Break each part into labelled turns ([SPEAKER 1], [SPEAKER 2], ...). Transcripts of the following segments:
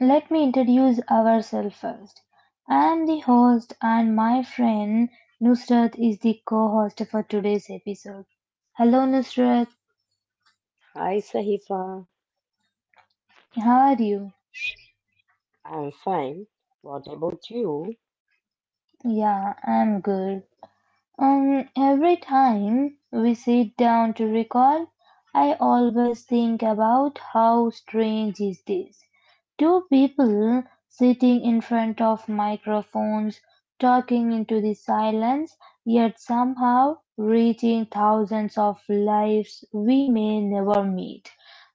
[SPEAKER 1] Let me introduce ourselves first. I am the host, and my friend Nusrat is the co-host for today's episode. Hello Nusrat,
[SPEAKER 2] Hi Sahifa,
[SPEAKER 1] how are you?
[SPEAKER 2] I'm fine. What about you?
[SPEAKER 1] Yeah, I'm good. And every time we sit down to recall, I always think about how strange is this. Two people sitting in front of microphones, talking into the silence, yet somehow reaching thousands of lives we may never meet.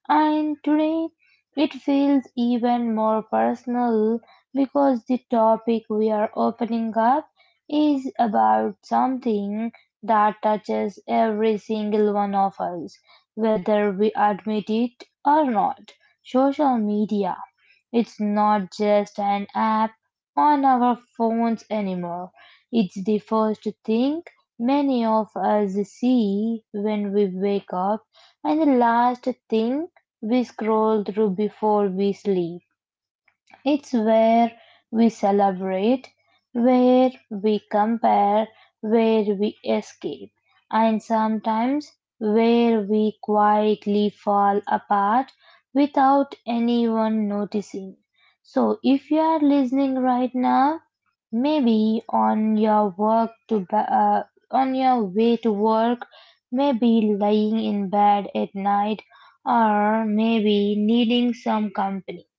[SPEAKER 1] And today it feels even more personal because the topic we are opening up is about something that touches every single one of us, whether we admit it or not. Social media. It's not just an app on our phones anymore. It's the first thing many of us see when we wake up and the last thing we scroll through before we sleep. It's where we celebrate, where we compare, where we escape, and sometimes where we quietly fall apart without anyone noticing. So, if you are listening right now, maybe on your on your way to work, maybe lying in bed at night, or maybe needing some company.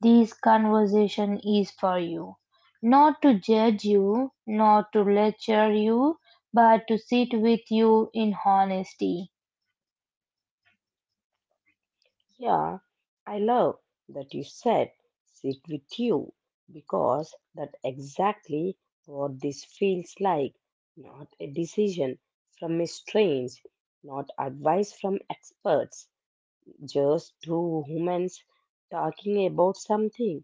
[SPEAKER 1] This conversation is for you. Not to judge you, not to lecture you, but to sit with you in honesty.
[SPEAKER 2] Yeah, I love that you said sit with you because that's exactly what this feels like. Not a decision from a strange, not advice from experts, just two humans talking about something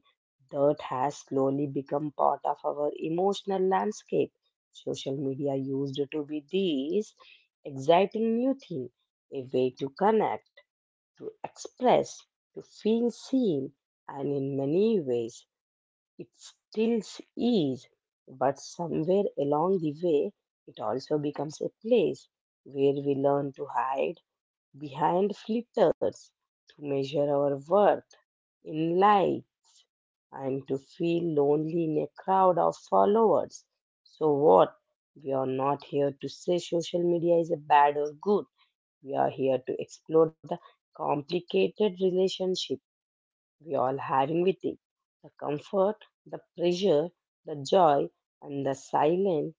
[SPEAKER 2] that has slowly become part of our emotional landscape. Social media used to be this exciting new thing, a way to connect, to express, to feel seen, and in many ways it still is. But somewhere along the way, it also becomes a place where we learn to hide behind flitters to measure our worth in life and to feel lonely in a crowd of followers. So, what? We are not here to say social media is a bad or good. We are here to explore the complicated relationship we all having with it, the comfort, the pressure, the joy, and the silent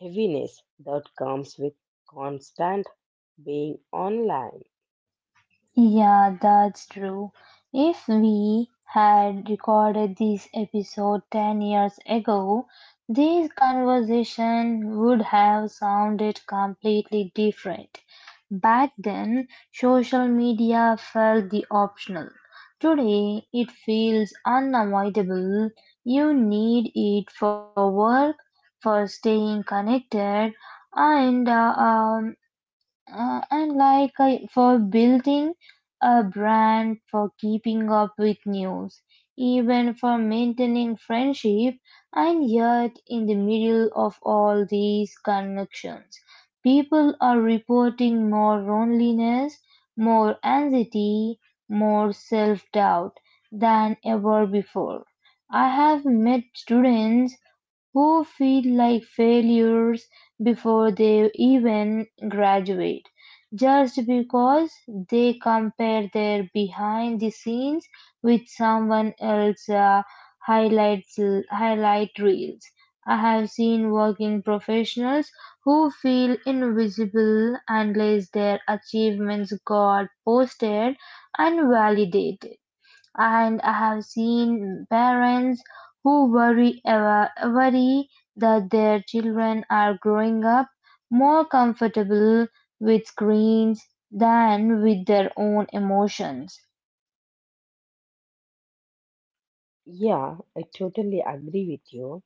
[SPEAKER 2] heaviness that comes with constant being online.
[SPEAKER 1] Yeah, that's true. If we had recorded this episode 10 years ago, this conversation would have sounded completely different. Back then, social media felt the optional. Today, it feels unavoidable. You need it for work, for staying connected, and uh, um, and for building a brand, for keeping up with news, even for maintaining friendship, and yet in the middle of all these connections, people are reporting more loneliness, more anxiety, more self doubt than ever before. I have met students who feel like failures before they even graduate, just because they compare their behind the scenes with someone else's highlights highlight reels. I have seen working professionals who feel invisible unless their achievements got posted and validated and I have seen parents who worry that their children are growing up more comfortable with screens than with their own emotions.
[SPEAKER 2] Yeah, I totally agree with you.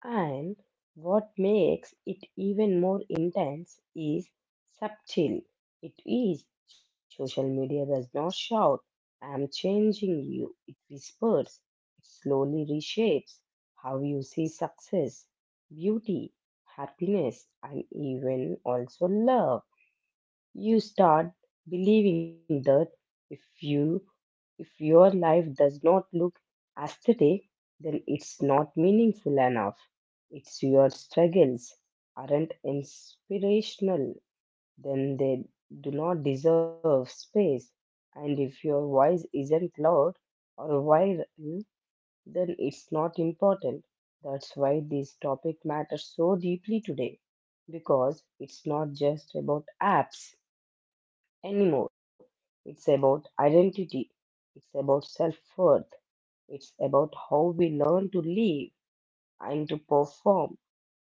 [SPEAKER 2] And what makes it even more intense is subtle. It is social media does not shout, I'm changing you. It whispers, it slowly reshapes how you see success, beauty, happiness, and even also love. You start believing that if you if your life does not look aesthetic, then it's not meaningful enough. It's your struggles aren't inspirational, then they do not deserve space. And if your voice isn't loud or viral, then it's not important. That's why this topic matters so deeply today, because it's not just about apps anymore. It's about identity, it's about self worth, it's about how we learn to live and to perform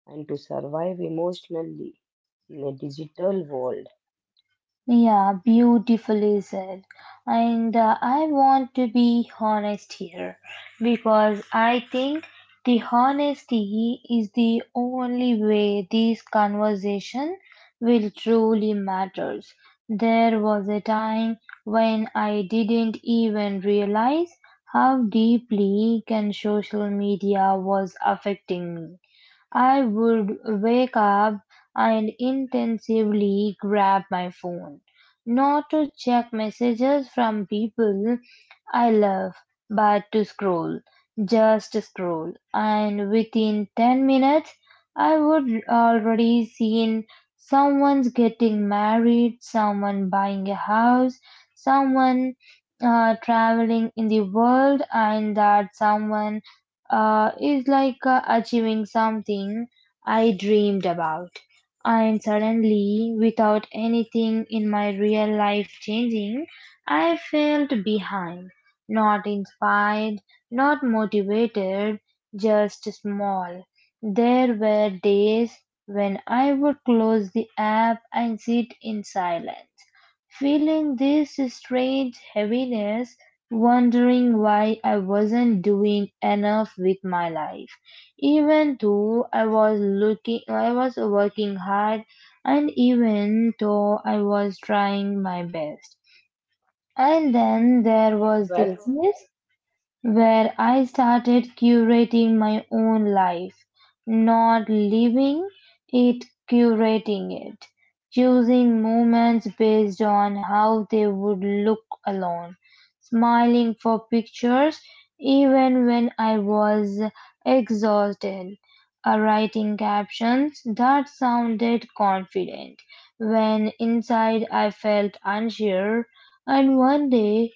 [SPEAKER 2] and to survive emotionally in a digital world.
[SPEAKER 1] Yeah, beautifully said. And I want to be honest here because I think the honesty is the only way this conversation will truly matters. There was a time when I didn't even realize how deeply can social media was affecting me. I would wake up and intensively grab my phone, not to check messages from people, I love but to scroll, just scroll, and within 10 minutes I would already seen someone's getting married, someone buying a house, someone traveling in the world, and that someone is like achieving something I dreamed about. And suddenly, without anything in my real life changing, I felt behind. Not inspired, not motivated, just small. There were days when I would close the app and sit in silence, feeling this strange heaviness, wondering why I wasn't doing enough with my life. Even though I was looking, I was working hard, and even though I was trying my best. And then there was the
[SPEAKER 2] Well,
[SPEAKER 1] fitness where I started curating my own life, not living it, curating it, choosing moments based on how they would look alone, smiling for pictures even when I was exhausted, writing captions that sounded confident when inside I felt unsure, and one day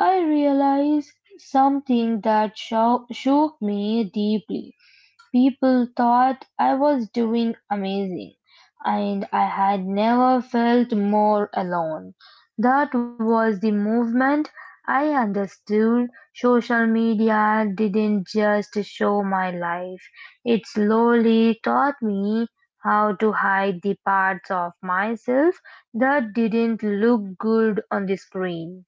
[SPEAKER 1] I realized something that shook me deeply. People thought I was doing amazing, and I had never felt more alone. That was the movement I understood. Social media didn't just show my life, it slowly taught me how to hide the parts of myself that didn't look good on the screen.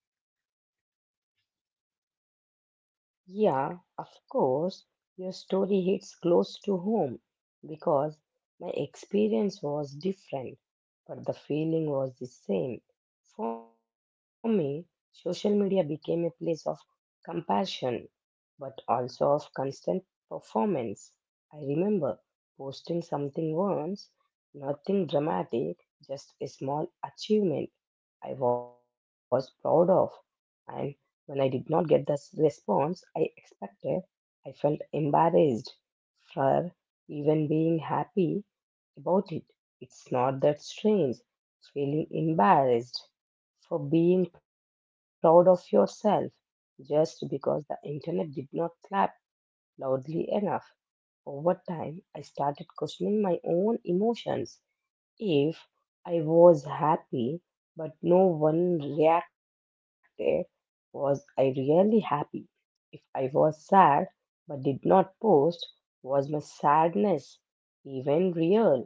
[SPEAKER 2] yeah, of course, your story hits close to home because my experience was different, but the feeling was the same. For me, social media became a place of compassion but also of constant performance. I remember posting something once, nothing dramatic, just a small achievement I was proud of. And when I did not get the response I expected, I felt embarrassed for even being happy about it. It's not that strange, feeling embarrassed for being proud of yourself just because the internet did not clap loudly enough. Over time, I started questioning my own emotions. If I was happy but no one reacted, was I really happy? If I was sad but did not post, was my sadness even real?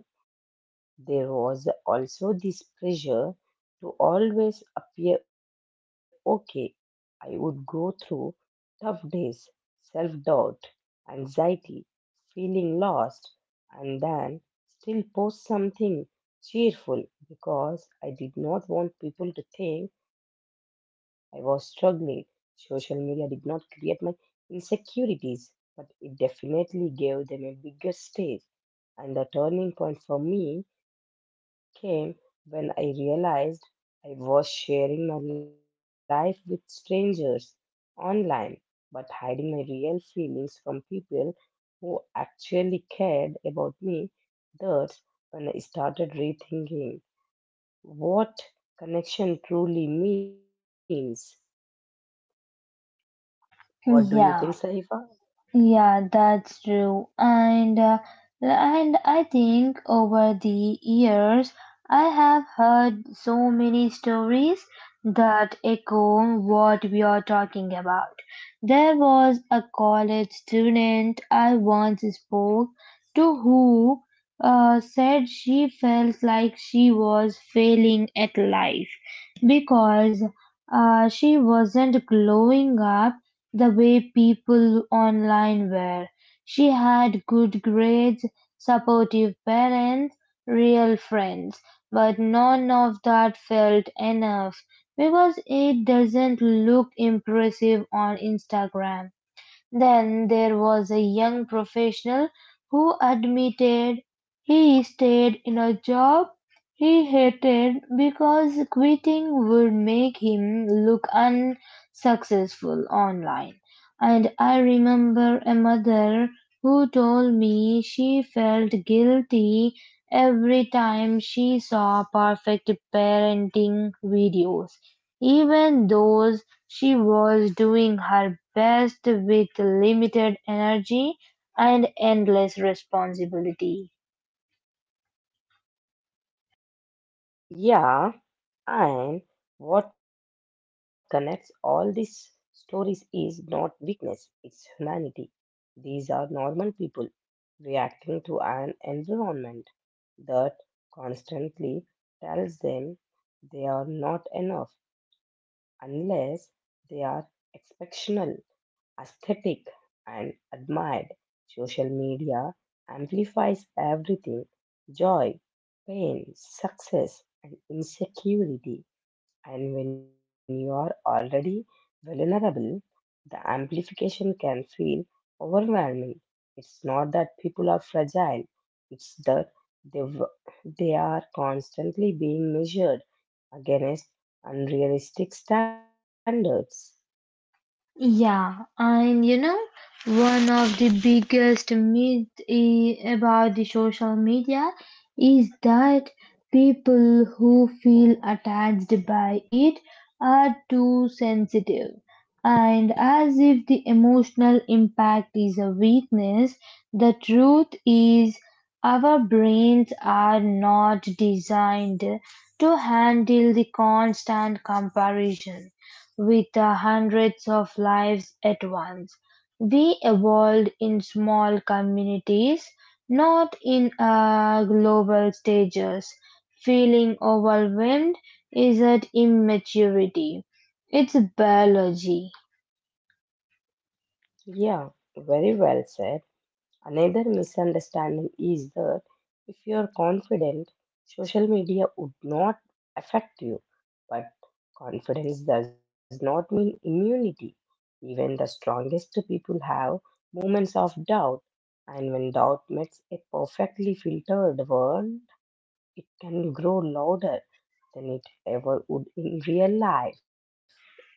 [SPEAKER 2] There was also this pressure to always appear okay. I would go through tough days, self doubt, anxiety, feeling lost, and then still post something cheerful because I did not want people to think I was struggling. Social media did not create my insecurities, but it definitely gave them a bigger stage. And the turning point for me came when I realized I was sharing my life with strangers online but hiding my real feelings from people who actually cared about me. That's when I started rethinking what connection truly means. What do you think,
[SPEAKER 1] Yeah.
[SPEAKER 2] Saifa?
[SPEAKER 1] Yeah, that's true. And I think over the years I have heard so many stories that echo what we are talking about. There was a college student I once spoke to who said she felt like she was failing at life because she wasn't glowing up the way people online were. She had good grades, supportive parents, real friends, but none of that felt enough because it doesn't look impressive on Instagram. Then there was a young professional who admitted he stayed in a job he hated because quitting would make him look unsuccessful online. And I remember a mother who told me she felt guilty every time she saw perfect parenting videos, even those she was doing her best with limited energy and endless responsibility.
[SPEAKER 2] Yeah. And what connects all these stories is not weakness, it's humanity. These are normal people reacting to an environment that constantly tells them they are not enough unless they are exceptional, aesthetic, and admired. Social media amplifies everything, joy, pain, success, and insecurity. And when you are already vulnerable, the amplification can feel overwhelming. It's not that people are fragile, it's that they, w- they are constantly being measured against unrealistic standards.
[SPEAKER 1] Yeah, and you know, one of the biggest myth about the social media is that people who feel attached by it are too sensitive, and as if the emotional impact is a weakness, the truth is our brains are not designed to handle the constant comparison with hundreds of lives at once. We evolved in small communities, not in global stages. Feeling overwhelmed isn't immaturity, it's biology.
[SPEAKER 2] Yeah, very well said. Another misunderstanding is that if you are confident, social media would not affect you. But confidence does not mean immunity. Even the strongest people have moments of doubt. And when doubt meets a perfectly filtered world, it can grow louder than it ever would in real life.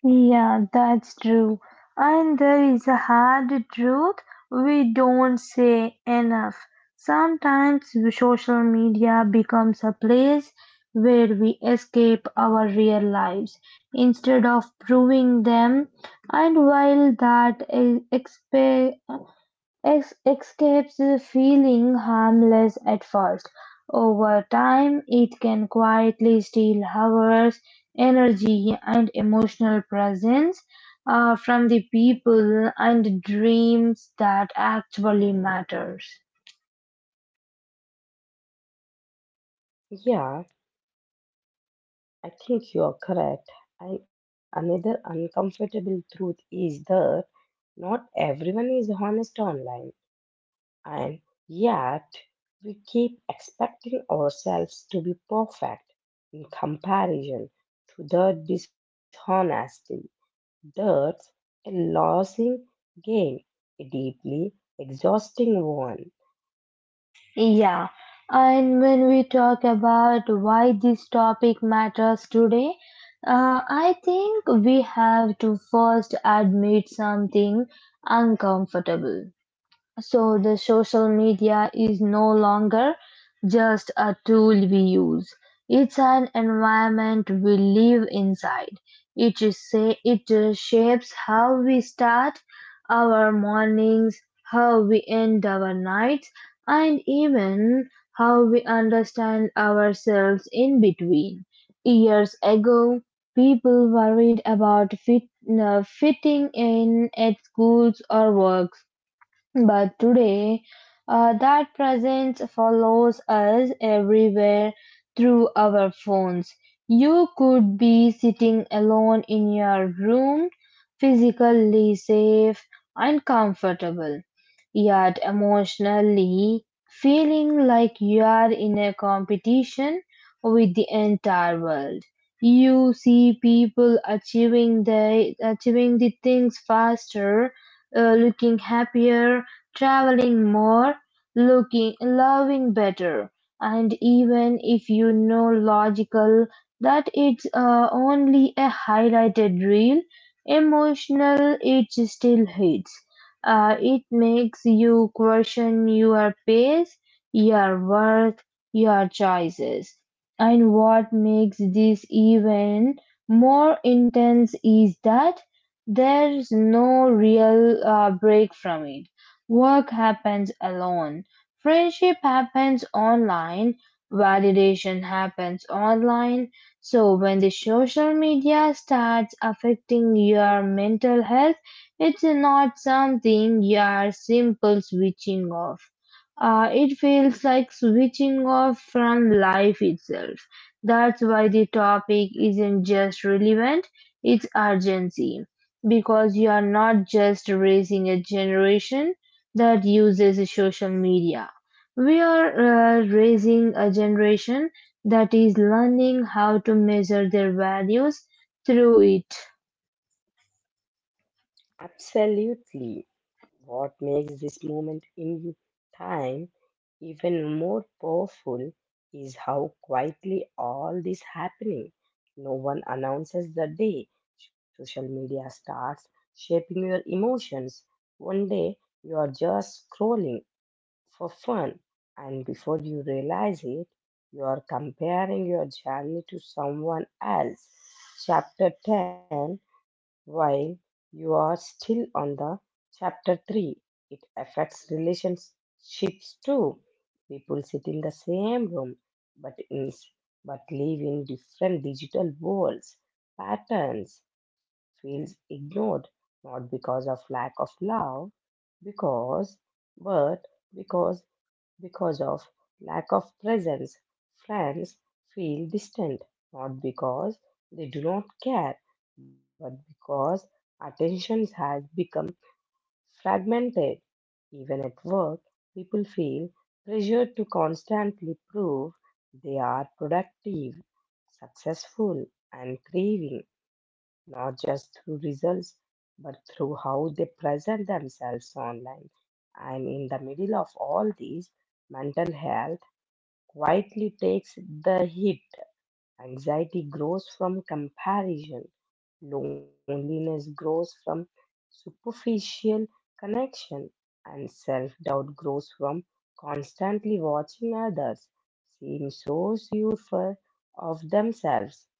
[SPEAKER 1] Yeah, that's true. And there is a hard truth we don't say enough. Sometimes social media becomes a place where we escape our real lives instead of proving them. And while that is X escapes feeling harmless at first, over time it can quietly steal hours, energy, and emotional presence from the people and dreams that actually matters.
[SPEAKER 2] Yeah, I think you are correct. And another uncomfortable truth is that not everyone is honest online, and yet we keep expecting ourselves to be perfect in comparison to the dishonesty. That's a losing game, a deeply exhausting one.
[SPEAKER 1] Yeah, and when we talk about why this topic matters today, I think we have to first admit something uncomfortable. So the social media is no longer just a tool we use. It's an environment we live inside. It is say it shapes how we start our mornings, how we end our nights, and even how we understand ourselves in between. Years ago, people worried about fitting in at schools or work but today, that presence follows us everywhere through our phones. You could be sitting alone in your room, physically safe and comfortable, yet emotionally feeling like you are in a competition with the entire world. You see people achieving the things faster, looking happier, traveling more, looking, loving better, and even if you know logical that it's only a highlighted reel, emotional it still hits. It makes you question your pace, your worth, your choices. And what makes this even more intense is that there's no real break from it. Work happens alone, friendship happens online, validation happens online, so when the social media starts affecting your mental health, it's not something you're simple switching off. It feels like switching off from life itself. That's why the topic isn't just relevant, it's urgency because you are not just raising a generation that uses social media. We are raising a generation that is learning how to measure their values through it.
[SPEAKER 2] Absolutely. What makes this moment in time even more powerful is how quietly all this happening. No one announces the day. Social media starts shaping your emotions. One day you are just scrolling for fun, and before you realize it, you are comparing your journey to someone else. Chapter 10 while you are still on the chapter 3, it affects relationships too. People sit in the same room but in, but live in different digital worlds, patterns, feels ignored, not because of lack of love because but because because of lack of presence, friends feel distant, not because they do not care, but because attention has become fragmented. Even at work, people feel pressured to constantly prove they are productive, successful, and thriving, not just through results, but through how they present themselves online. And in the middle of all these, mental health quietly takes the hit. Anxiety grows from comparison. Loneliness grows from superficial connection. And self doubt grows from constantly watching others seem so of themselves.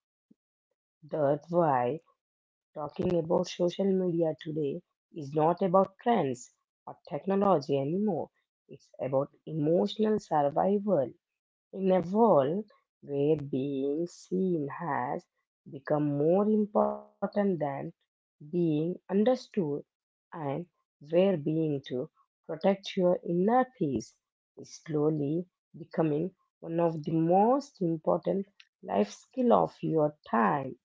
[SPEAKER 2] That's why talking about social media today is not about trends or technology anymore. It's about emotional survival. In a world where being seen has become more important than being understood, and where being to protect your inner peace is slowly becoming one of the most important life skill of your time.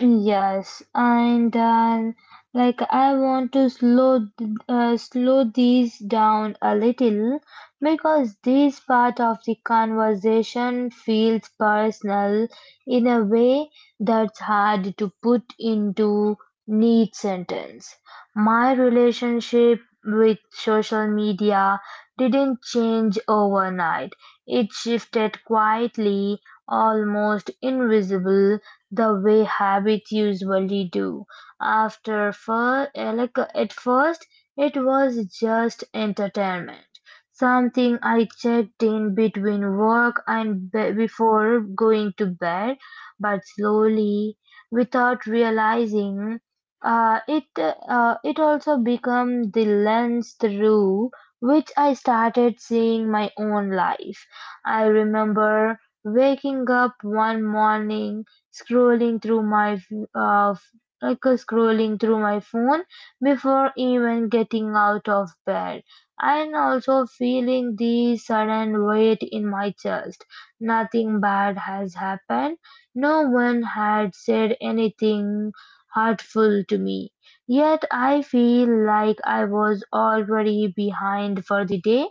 [SPEAKER 1] Yes, and then I want to slow these down a little because this part of the conversation feels personal in a way that's hard to put into neat sentence. My relationship with social media didn't change overnight. It shifted quietly, almost invisible the way habits usually do. After fir- like At first, it was just entertainment, something I checked in between work and before going to bed. But slowly, without realizing, it also became the lens through which I started seeing my own life. I remember waking up one morning scrolling through my f- uh, f- scrolling through my phone before even getting out of bed and also feeling the sudden weight in my chest. Nothing bad has happened, no one had said anything hurtful to me, yet I feel like I was already behind for the day,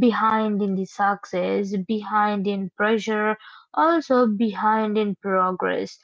[SPEAKER 1] behind in the success, behind in pressure, also behind in progress.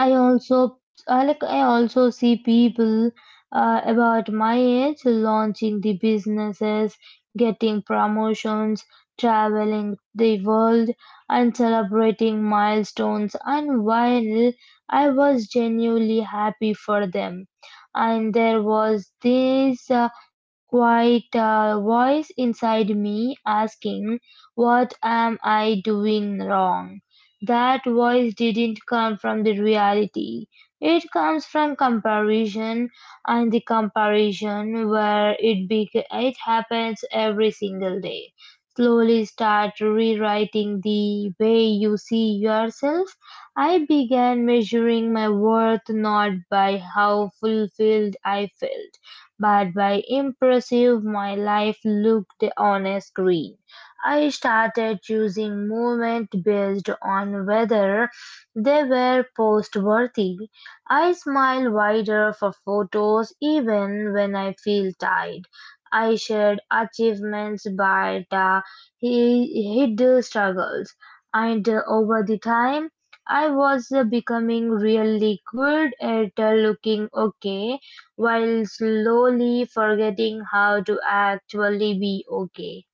[SPEAKER 1] I also I also see people about my age launching the businesses, getting promotions, traveling the world and celebrating milestones, and while I was genuinely happy for them, and there was this quiet voice inside me asking what am I doing wrong. That voice didn't come from the reality. It comes from comparison, and the comparison where it bec- it happens every single day. Slowly start rewriting the way you see yourself. I began measuring my worth not by how fulfilled I felt, but by impressive my life looked on a screen. I started choosing movements based on whether they were post worthy. I smile wider for photos even when I feel tired. I shared achievements but he hid struggles. And Over the time, I was becoming really good at looking okay while slowly forgetting how to actually be okay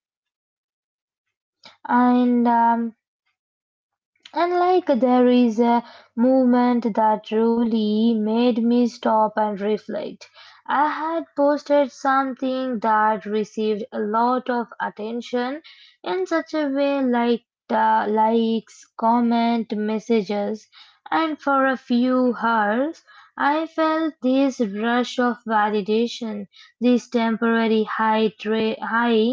[SPEAKER 1] and um, and there is a movement that really made me stop and reflect. I had posted something that received a lot of attention in such a way like likes, comment, messages, and for a few hours I felt this rush of validation, this temporary high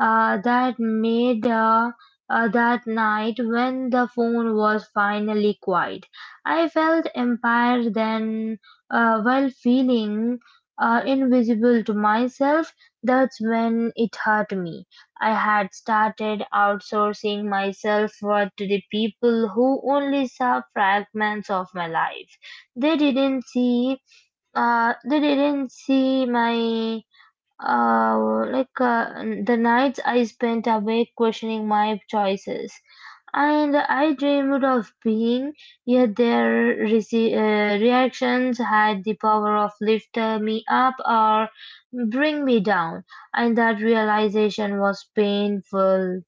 [SPEAKER 1] uh, that made uh, that night, when the phone was finally quiet, I felt empowered then, while feeling invisible to myself. That's when it hurt me. I had started outsourcing myself worth to the people who only saw fragments of my life. They didn't see, they didn't see my the nights I spent awake questioning my choices, and I dreamed of being. Yet their reactions had the power of lift me up or bring me down, and that realization was painful.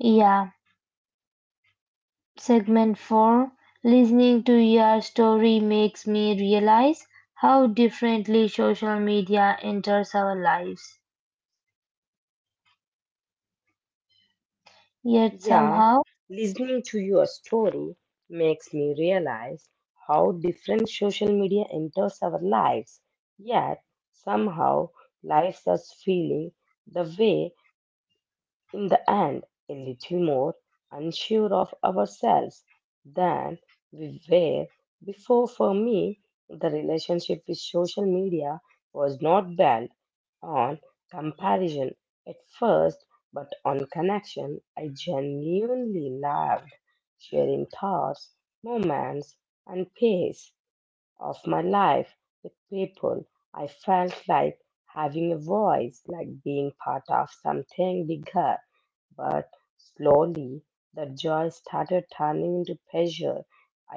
[SPEAKER 1] Yeah, segment four. Listening to your story makes me realize how differently social media enters our lives. Yet
[SPEAKER 2] Yeah,
[SPEAKER 1] somehow.
[SPEAKER 2] listening to your story makes me realize how different social media enters our lives, yet somehow lives us feeling the way in the end a little more unsure of ourselves than we were before. For me, the relationship with social media was not built on comparison at first, but on connection. I genuinely loved sharing thoughts, moments, and pace of my life with people. I felt like having a voice, like being part of something bigger. But slowly the joy started turning into pleasure.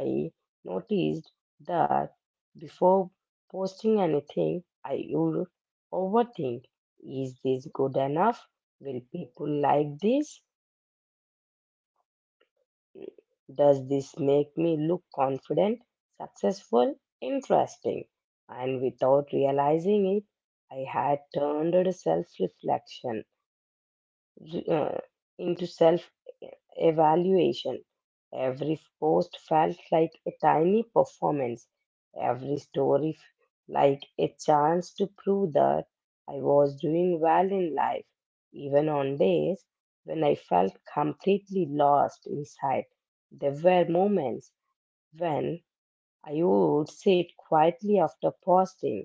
[SPEAKER 2] I noticed that before posting anything, I would overthink, is this good enough? Will people like this? Does this make me look confident, successful, interesting? And without realizing it, I had turned self reflection uh, into self evaluation. Every post felt like a tiny performance, every like a chance to prove that I was doing well in life, even on days when I felt completely lost inside. There were moments when I would sit quietly after posting,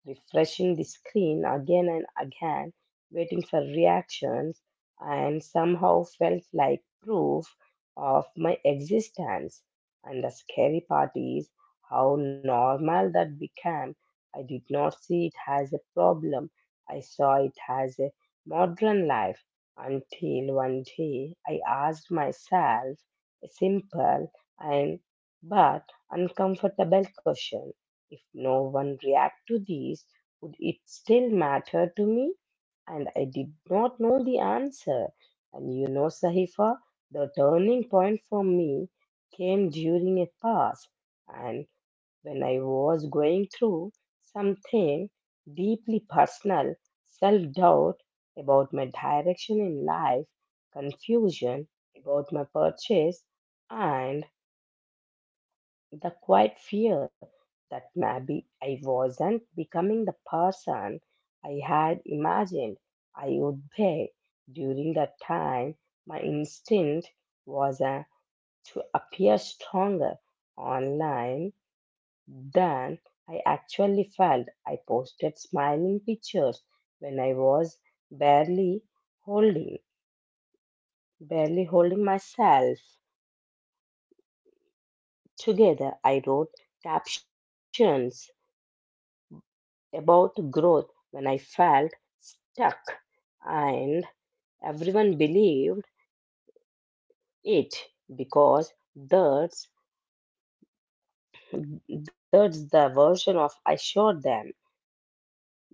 [SPEAKER 2] refreshing the screen again and again, waiting for reactions, and somehow felt like proof of my existence. And the scary part is how normal that became. I did not see it as a problem, I saw it as a modern life, until one day I asked myself a simple and but uncomfortable question, if no one react to these, would it still matter to me? And I did not know the answer. And you know, Sahifa, the turning point for me came during a pass, and when I was going through something deeply personal, self doubt about my direction in life, confusion about my purchase, and the quiet fear that maybe I wasn't becoming the person I had imagined I would be. During that time, my instinct was to appear stronger online than I actually felt. I posted smiling pictures when I was barely holding, barely holding myself together. I wrote captions about growth when I felt stuck, and everyone believed it because that's the version of I showed them.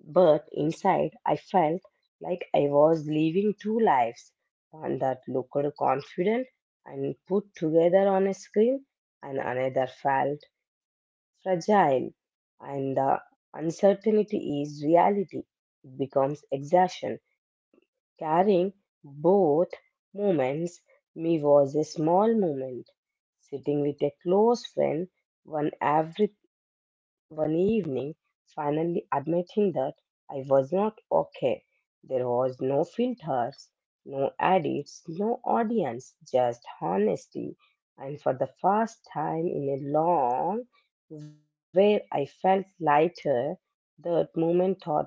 [SPEAKER 2] But inside, I felt like I was living two lives, one that looked confident and put together on a screen, and another felt fragile. And the uncertainty is reality, it becomes exhaustion. Carrying both moments, me was a small moment. Sitting with a close friend one every one evening, finally admitting that I was not okay. There was no filters, no edits, no audience, just honesty. And for the first time in a long where I felt lighter, that moment taught me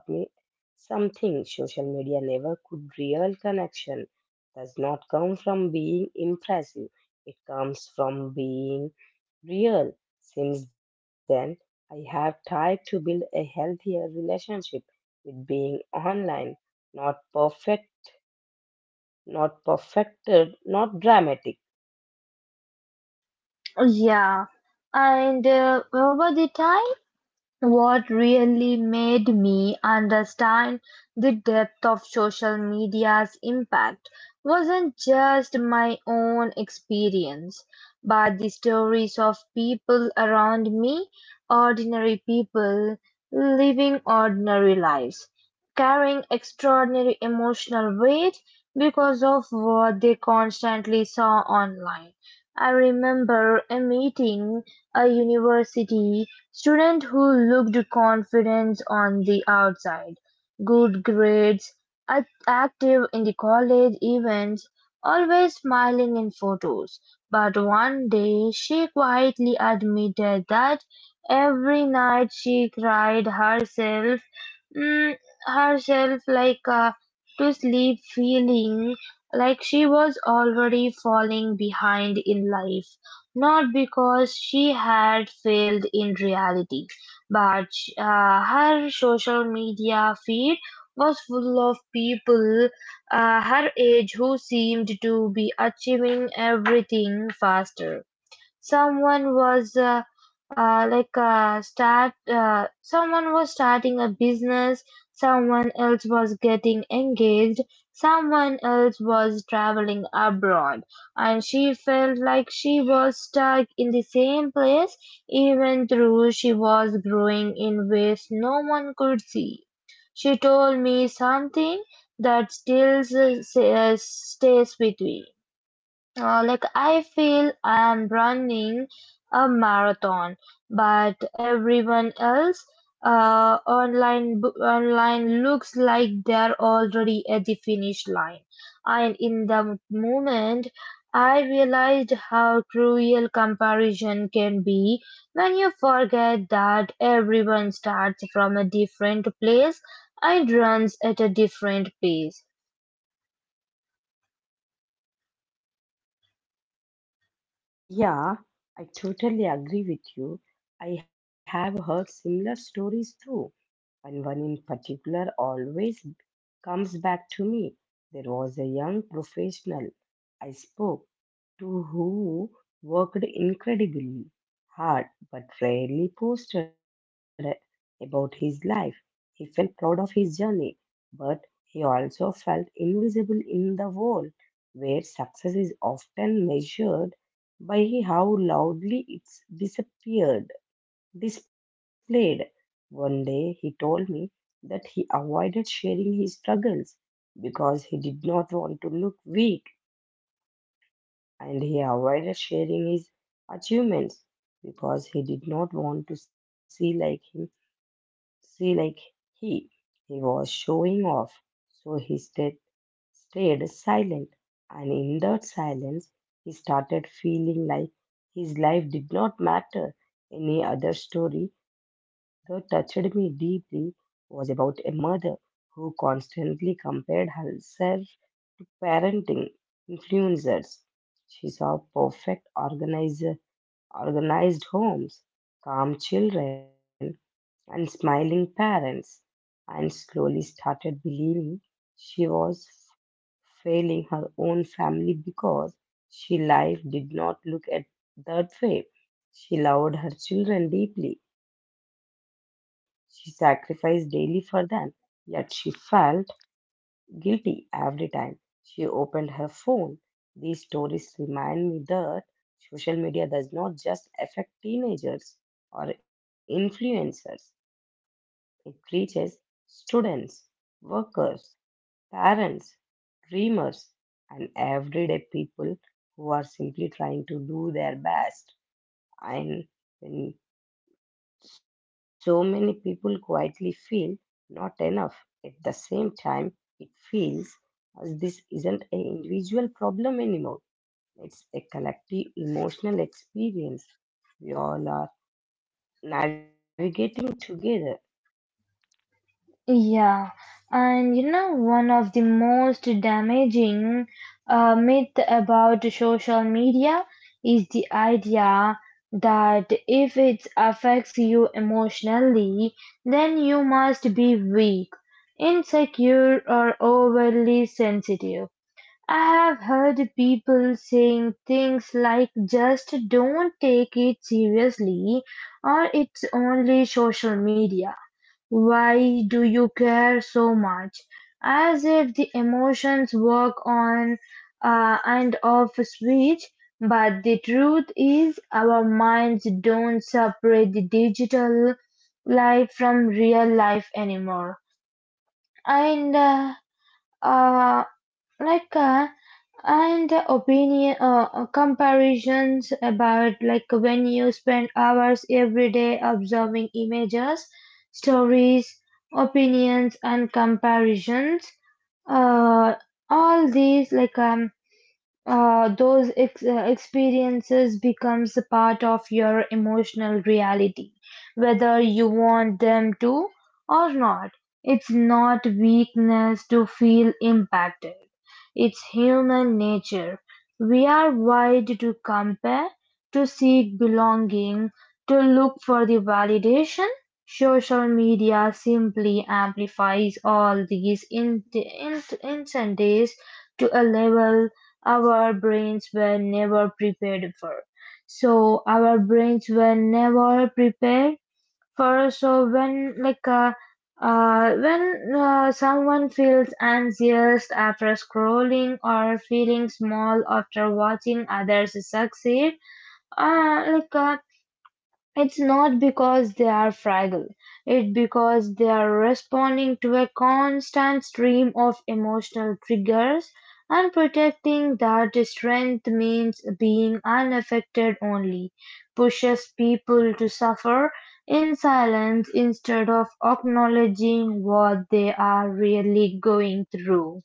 [SPEAKER 2] something social media never could. Real connection does not come from being impressive, it comes from being real. Since then, I have tried to build a healthier relationship with being online. Not perfect, not perfected, not dramatic.
[SPEAKER 1] Yeah, and over the time. What really made me understand the depth of social media's impact wasn't just my own experience, but the stories of people around me, ordinary people living ordinary lives, carrying extraordinary emotional weight because of what they constantly saw online. I remember a meeting a university. Students who looked confident on the outside, good grades, active in the college events, always smiling in photos. But one day she quietly admitted that every night she cried mm, herself to sleep feeling like she was already falling behind in life, not because she had failed in reality, but her social media feed was full of people her age who seemed to be achieving everything faster. Someone was like start someone was starting a business, someone else was getting engaged, someone else was traveling abroad, and she felt like she was stuck in the same place even though she was growing in ways no one could see. She told me something that still stays with me. Like, I feel I'm running a marathon, but everyone else online looks like they're already at the finish line. And in the moment, I realized how cruel comparison can be when you forget that everyone starts from a different place and runs at a different pace.
[SPEAKER 2] Yeah, I totally agree with you. I have heard similar stories too, and one in particular always comes back to me. There was a young professional I spoke to who worked incredibly hard but rarely posted about his life. He felt proud of his journey, but he also felt invisible in the world where success is often measured by how loudly it's disappeared displayed. One day he told me that he avoided sharing his struggles because he did not want to look weak, and he avoided sharing his achievements because he did not want to see like he he was showing off. So he stayed silent, and in that silence, he started feeling like his life did not matter. Any other story that touched me deeply was about a mother who constantly compared herself parenting influencers. She saw organized homes, calm children, and smiling parents, and slowly started believing she was failing her own family because she life did not look at that way. She loved her children deeply. She sacrificed daily for them, yet she felt guilty every time she opened her phone. These stories remind me that social media does not just affect teenagers or influencers, it reaches students, workers, parents, dreamers, and everyday people who are simply trying to do their best. And when so many people quietly feel not enough, at the same time, it feels as this isn't an individual problem anymore. It's a collective emotional experience we all are navigating together.
[SPEAKER 1] Yeah, and you know, one of the most damaging myth about social media is the idea that if it affects you emotionally, then you must be weak, insecure, or overly sensitive. I have heard people saying things like, just don't take it seriously, or it's only social media, why do you care so much? As if the emotions work on and off switch, but the truth is our minds don't separate the digital life from real life anymore. And uh, like and the opinion comparisons about like When you spend hours every day observing images, stories, opinions and comparisons, uh, all these like those ex- experiences becomes a part of your emotional reality, whether you want them to or not. It's not weakness to feel impacted. It's human nature. We are wired to compare, to seek belonging, to look for the validation. Social media simply amplifies all these instances to a level our brains were never prepared for. So our brains were never prepared for. So when someone feels anxious after scrolling or feeling small after watching others succeed, uh, like uh, it's not because they are fragile, it's because they are responding to a constant stream of emotional triggers, and protecting that strength means being unaffected only pushes people to suffer in silence instead of acknowledging what they are really going through.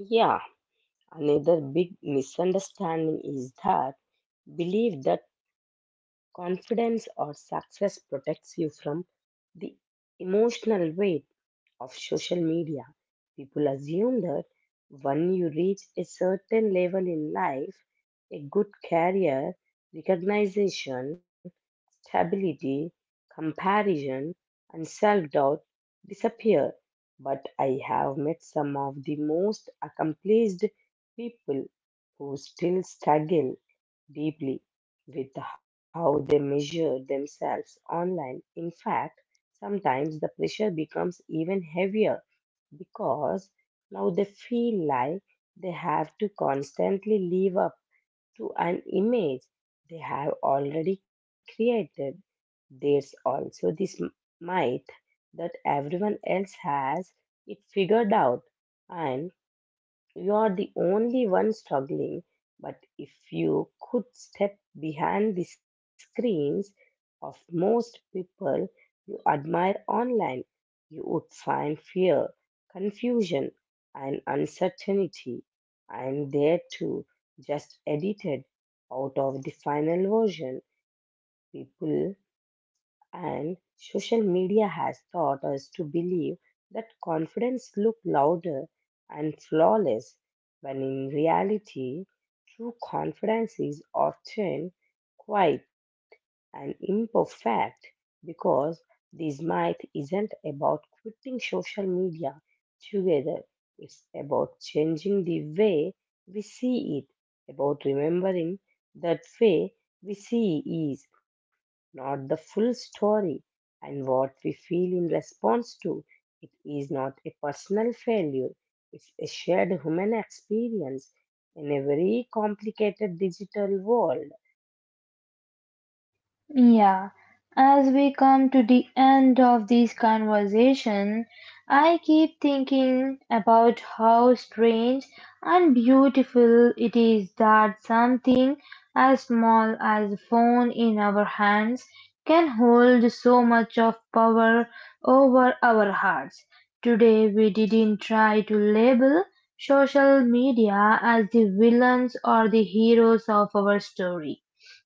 [SPEAKER 2] Yeah, another big misunderstanding is that belief that confidence or success protects you from the emotional weight of social media. People assume that when you reach a certain level in life, a good career, recognition, stability, comparison, and self doubt disappear. But I have met some of the most accomplished people who still struggle deeply with how they measure themselves online. In fact, sometimes the pressure becomes even heavier because now they feel like they have to constantly live up to an image they have already created. There's also this myth that everyone else has it figured out and you are the only one struggling, but if you could step behind the screens of most people you admire online, you would find fear, confusion, and uncertainty, and there too, just edited out of the final version. People and social media has taught us to believe that confidence looks louder and flawless, when in reality, true confidence is often quiet and imperfect because this myth isn't about quitting social media together. It's about changing the way we see it, about remembering that way we see is not the full story, and what we feel in response to it is not a personal failure, it's a shared human experience in a very complicated digital world.
[SPEAKER 1] Yeah, as we come to the end of this conversation, I keep thinking about how strange and beautiful it is that something as small as a phone in our hands can hold so much of power over our hearts. Today, we didn't try to label social media as the villains or the heroes of our story.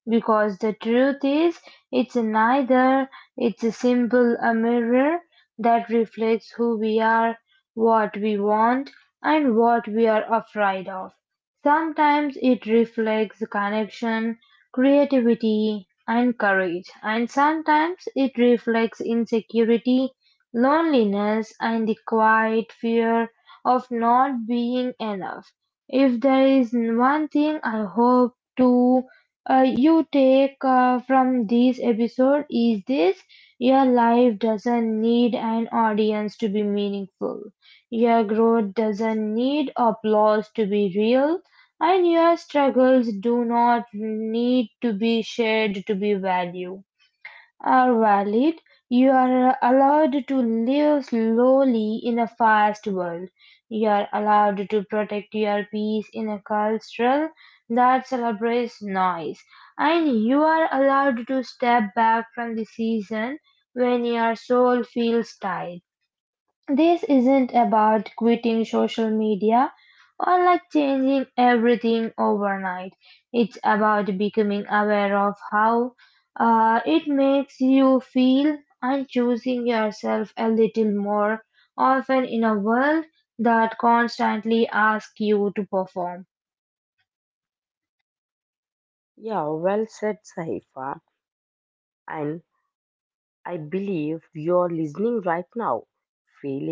[SPEAKER 1] Because the truth is, it's neither, it's a simple a mirror that reflects who we are, what we want, and what we are afraid of. Sometimes it reflects connection, creativity, and courage, and sometimes it reflects insecurity, loneliness, and the quiet fear of not being enough. If there is one thing I hope to you take from this episode is this: your life doesn't need an audience to be meaningful, your growth doesn't need applause to be real, and your struggles do not need to be shared to be valued are valid, you are allowed to live slowly in a fast world. You are allowed to protect your peace in a culture that celebrates noise. And you are allowed to step back from the season when your soul feels tired. This isn't about quitting social media or like changing everything overnight. It's about becoming aware of how it makes you feel and choosing yourself a little more often in a world that constantly asks you to perform.
[SPEAKER 2] Yeah, well said, Sahifa. And I believe you're listening right now, feeling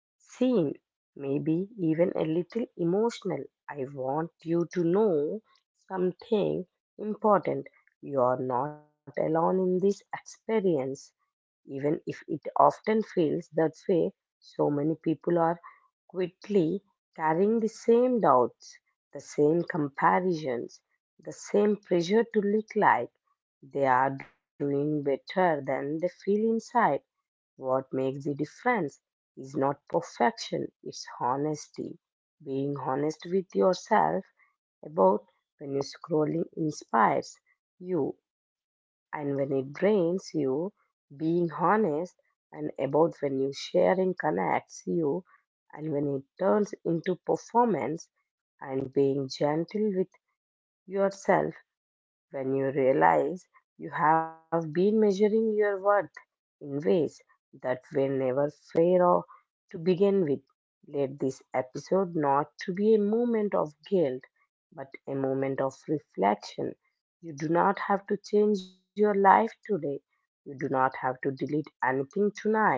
[SPEAKER 2] seen, maybe even a little emotional. I want you to know something important. You are not alone in this experience, even if it often feels that way. So many people are quickly carrying the same doubts, the same comparisons, the same pressure to look like they are doing better than they feel inside. What makes the difference is not perfection, it's honesty. Being honest with yourself about when your scrolling inspires you and when it drains you. Being honest and about when you sharing connects you and when it turns into performance and being gentle with yourself when you realize you have been measuring your worth in ways that were never fair or to begin with. Let this episode not to be a moment of guilt, but a moment of reflection. You do not have to change your life today. You do not have to delete anything tonight.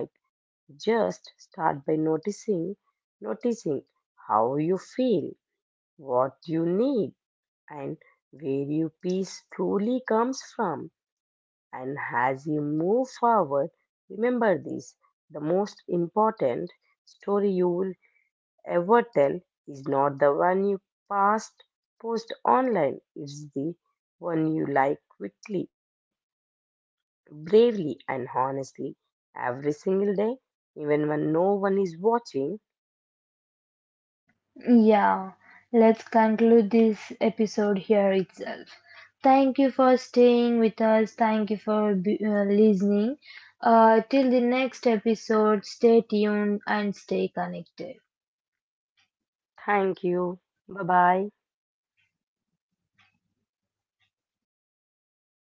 [SPEAKER 2] Just start by noticing, noticing how you feel, what you need and where your peace truly comes from. And as you move forward, remember this: the most important story you will ever tell is not the one you past post online, it's the one you like quickly, bravely, and honestly every single day, even when no one is watching.
[SPEAKER 1] Yeah, let's conclude this episode here itself. Thank you for staying with us. Thank you for listening. Till the next episode, stay tuned and stay connected.
[SPEAKER 2] Thank you. Bye bye.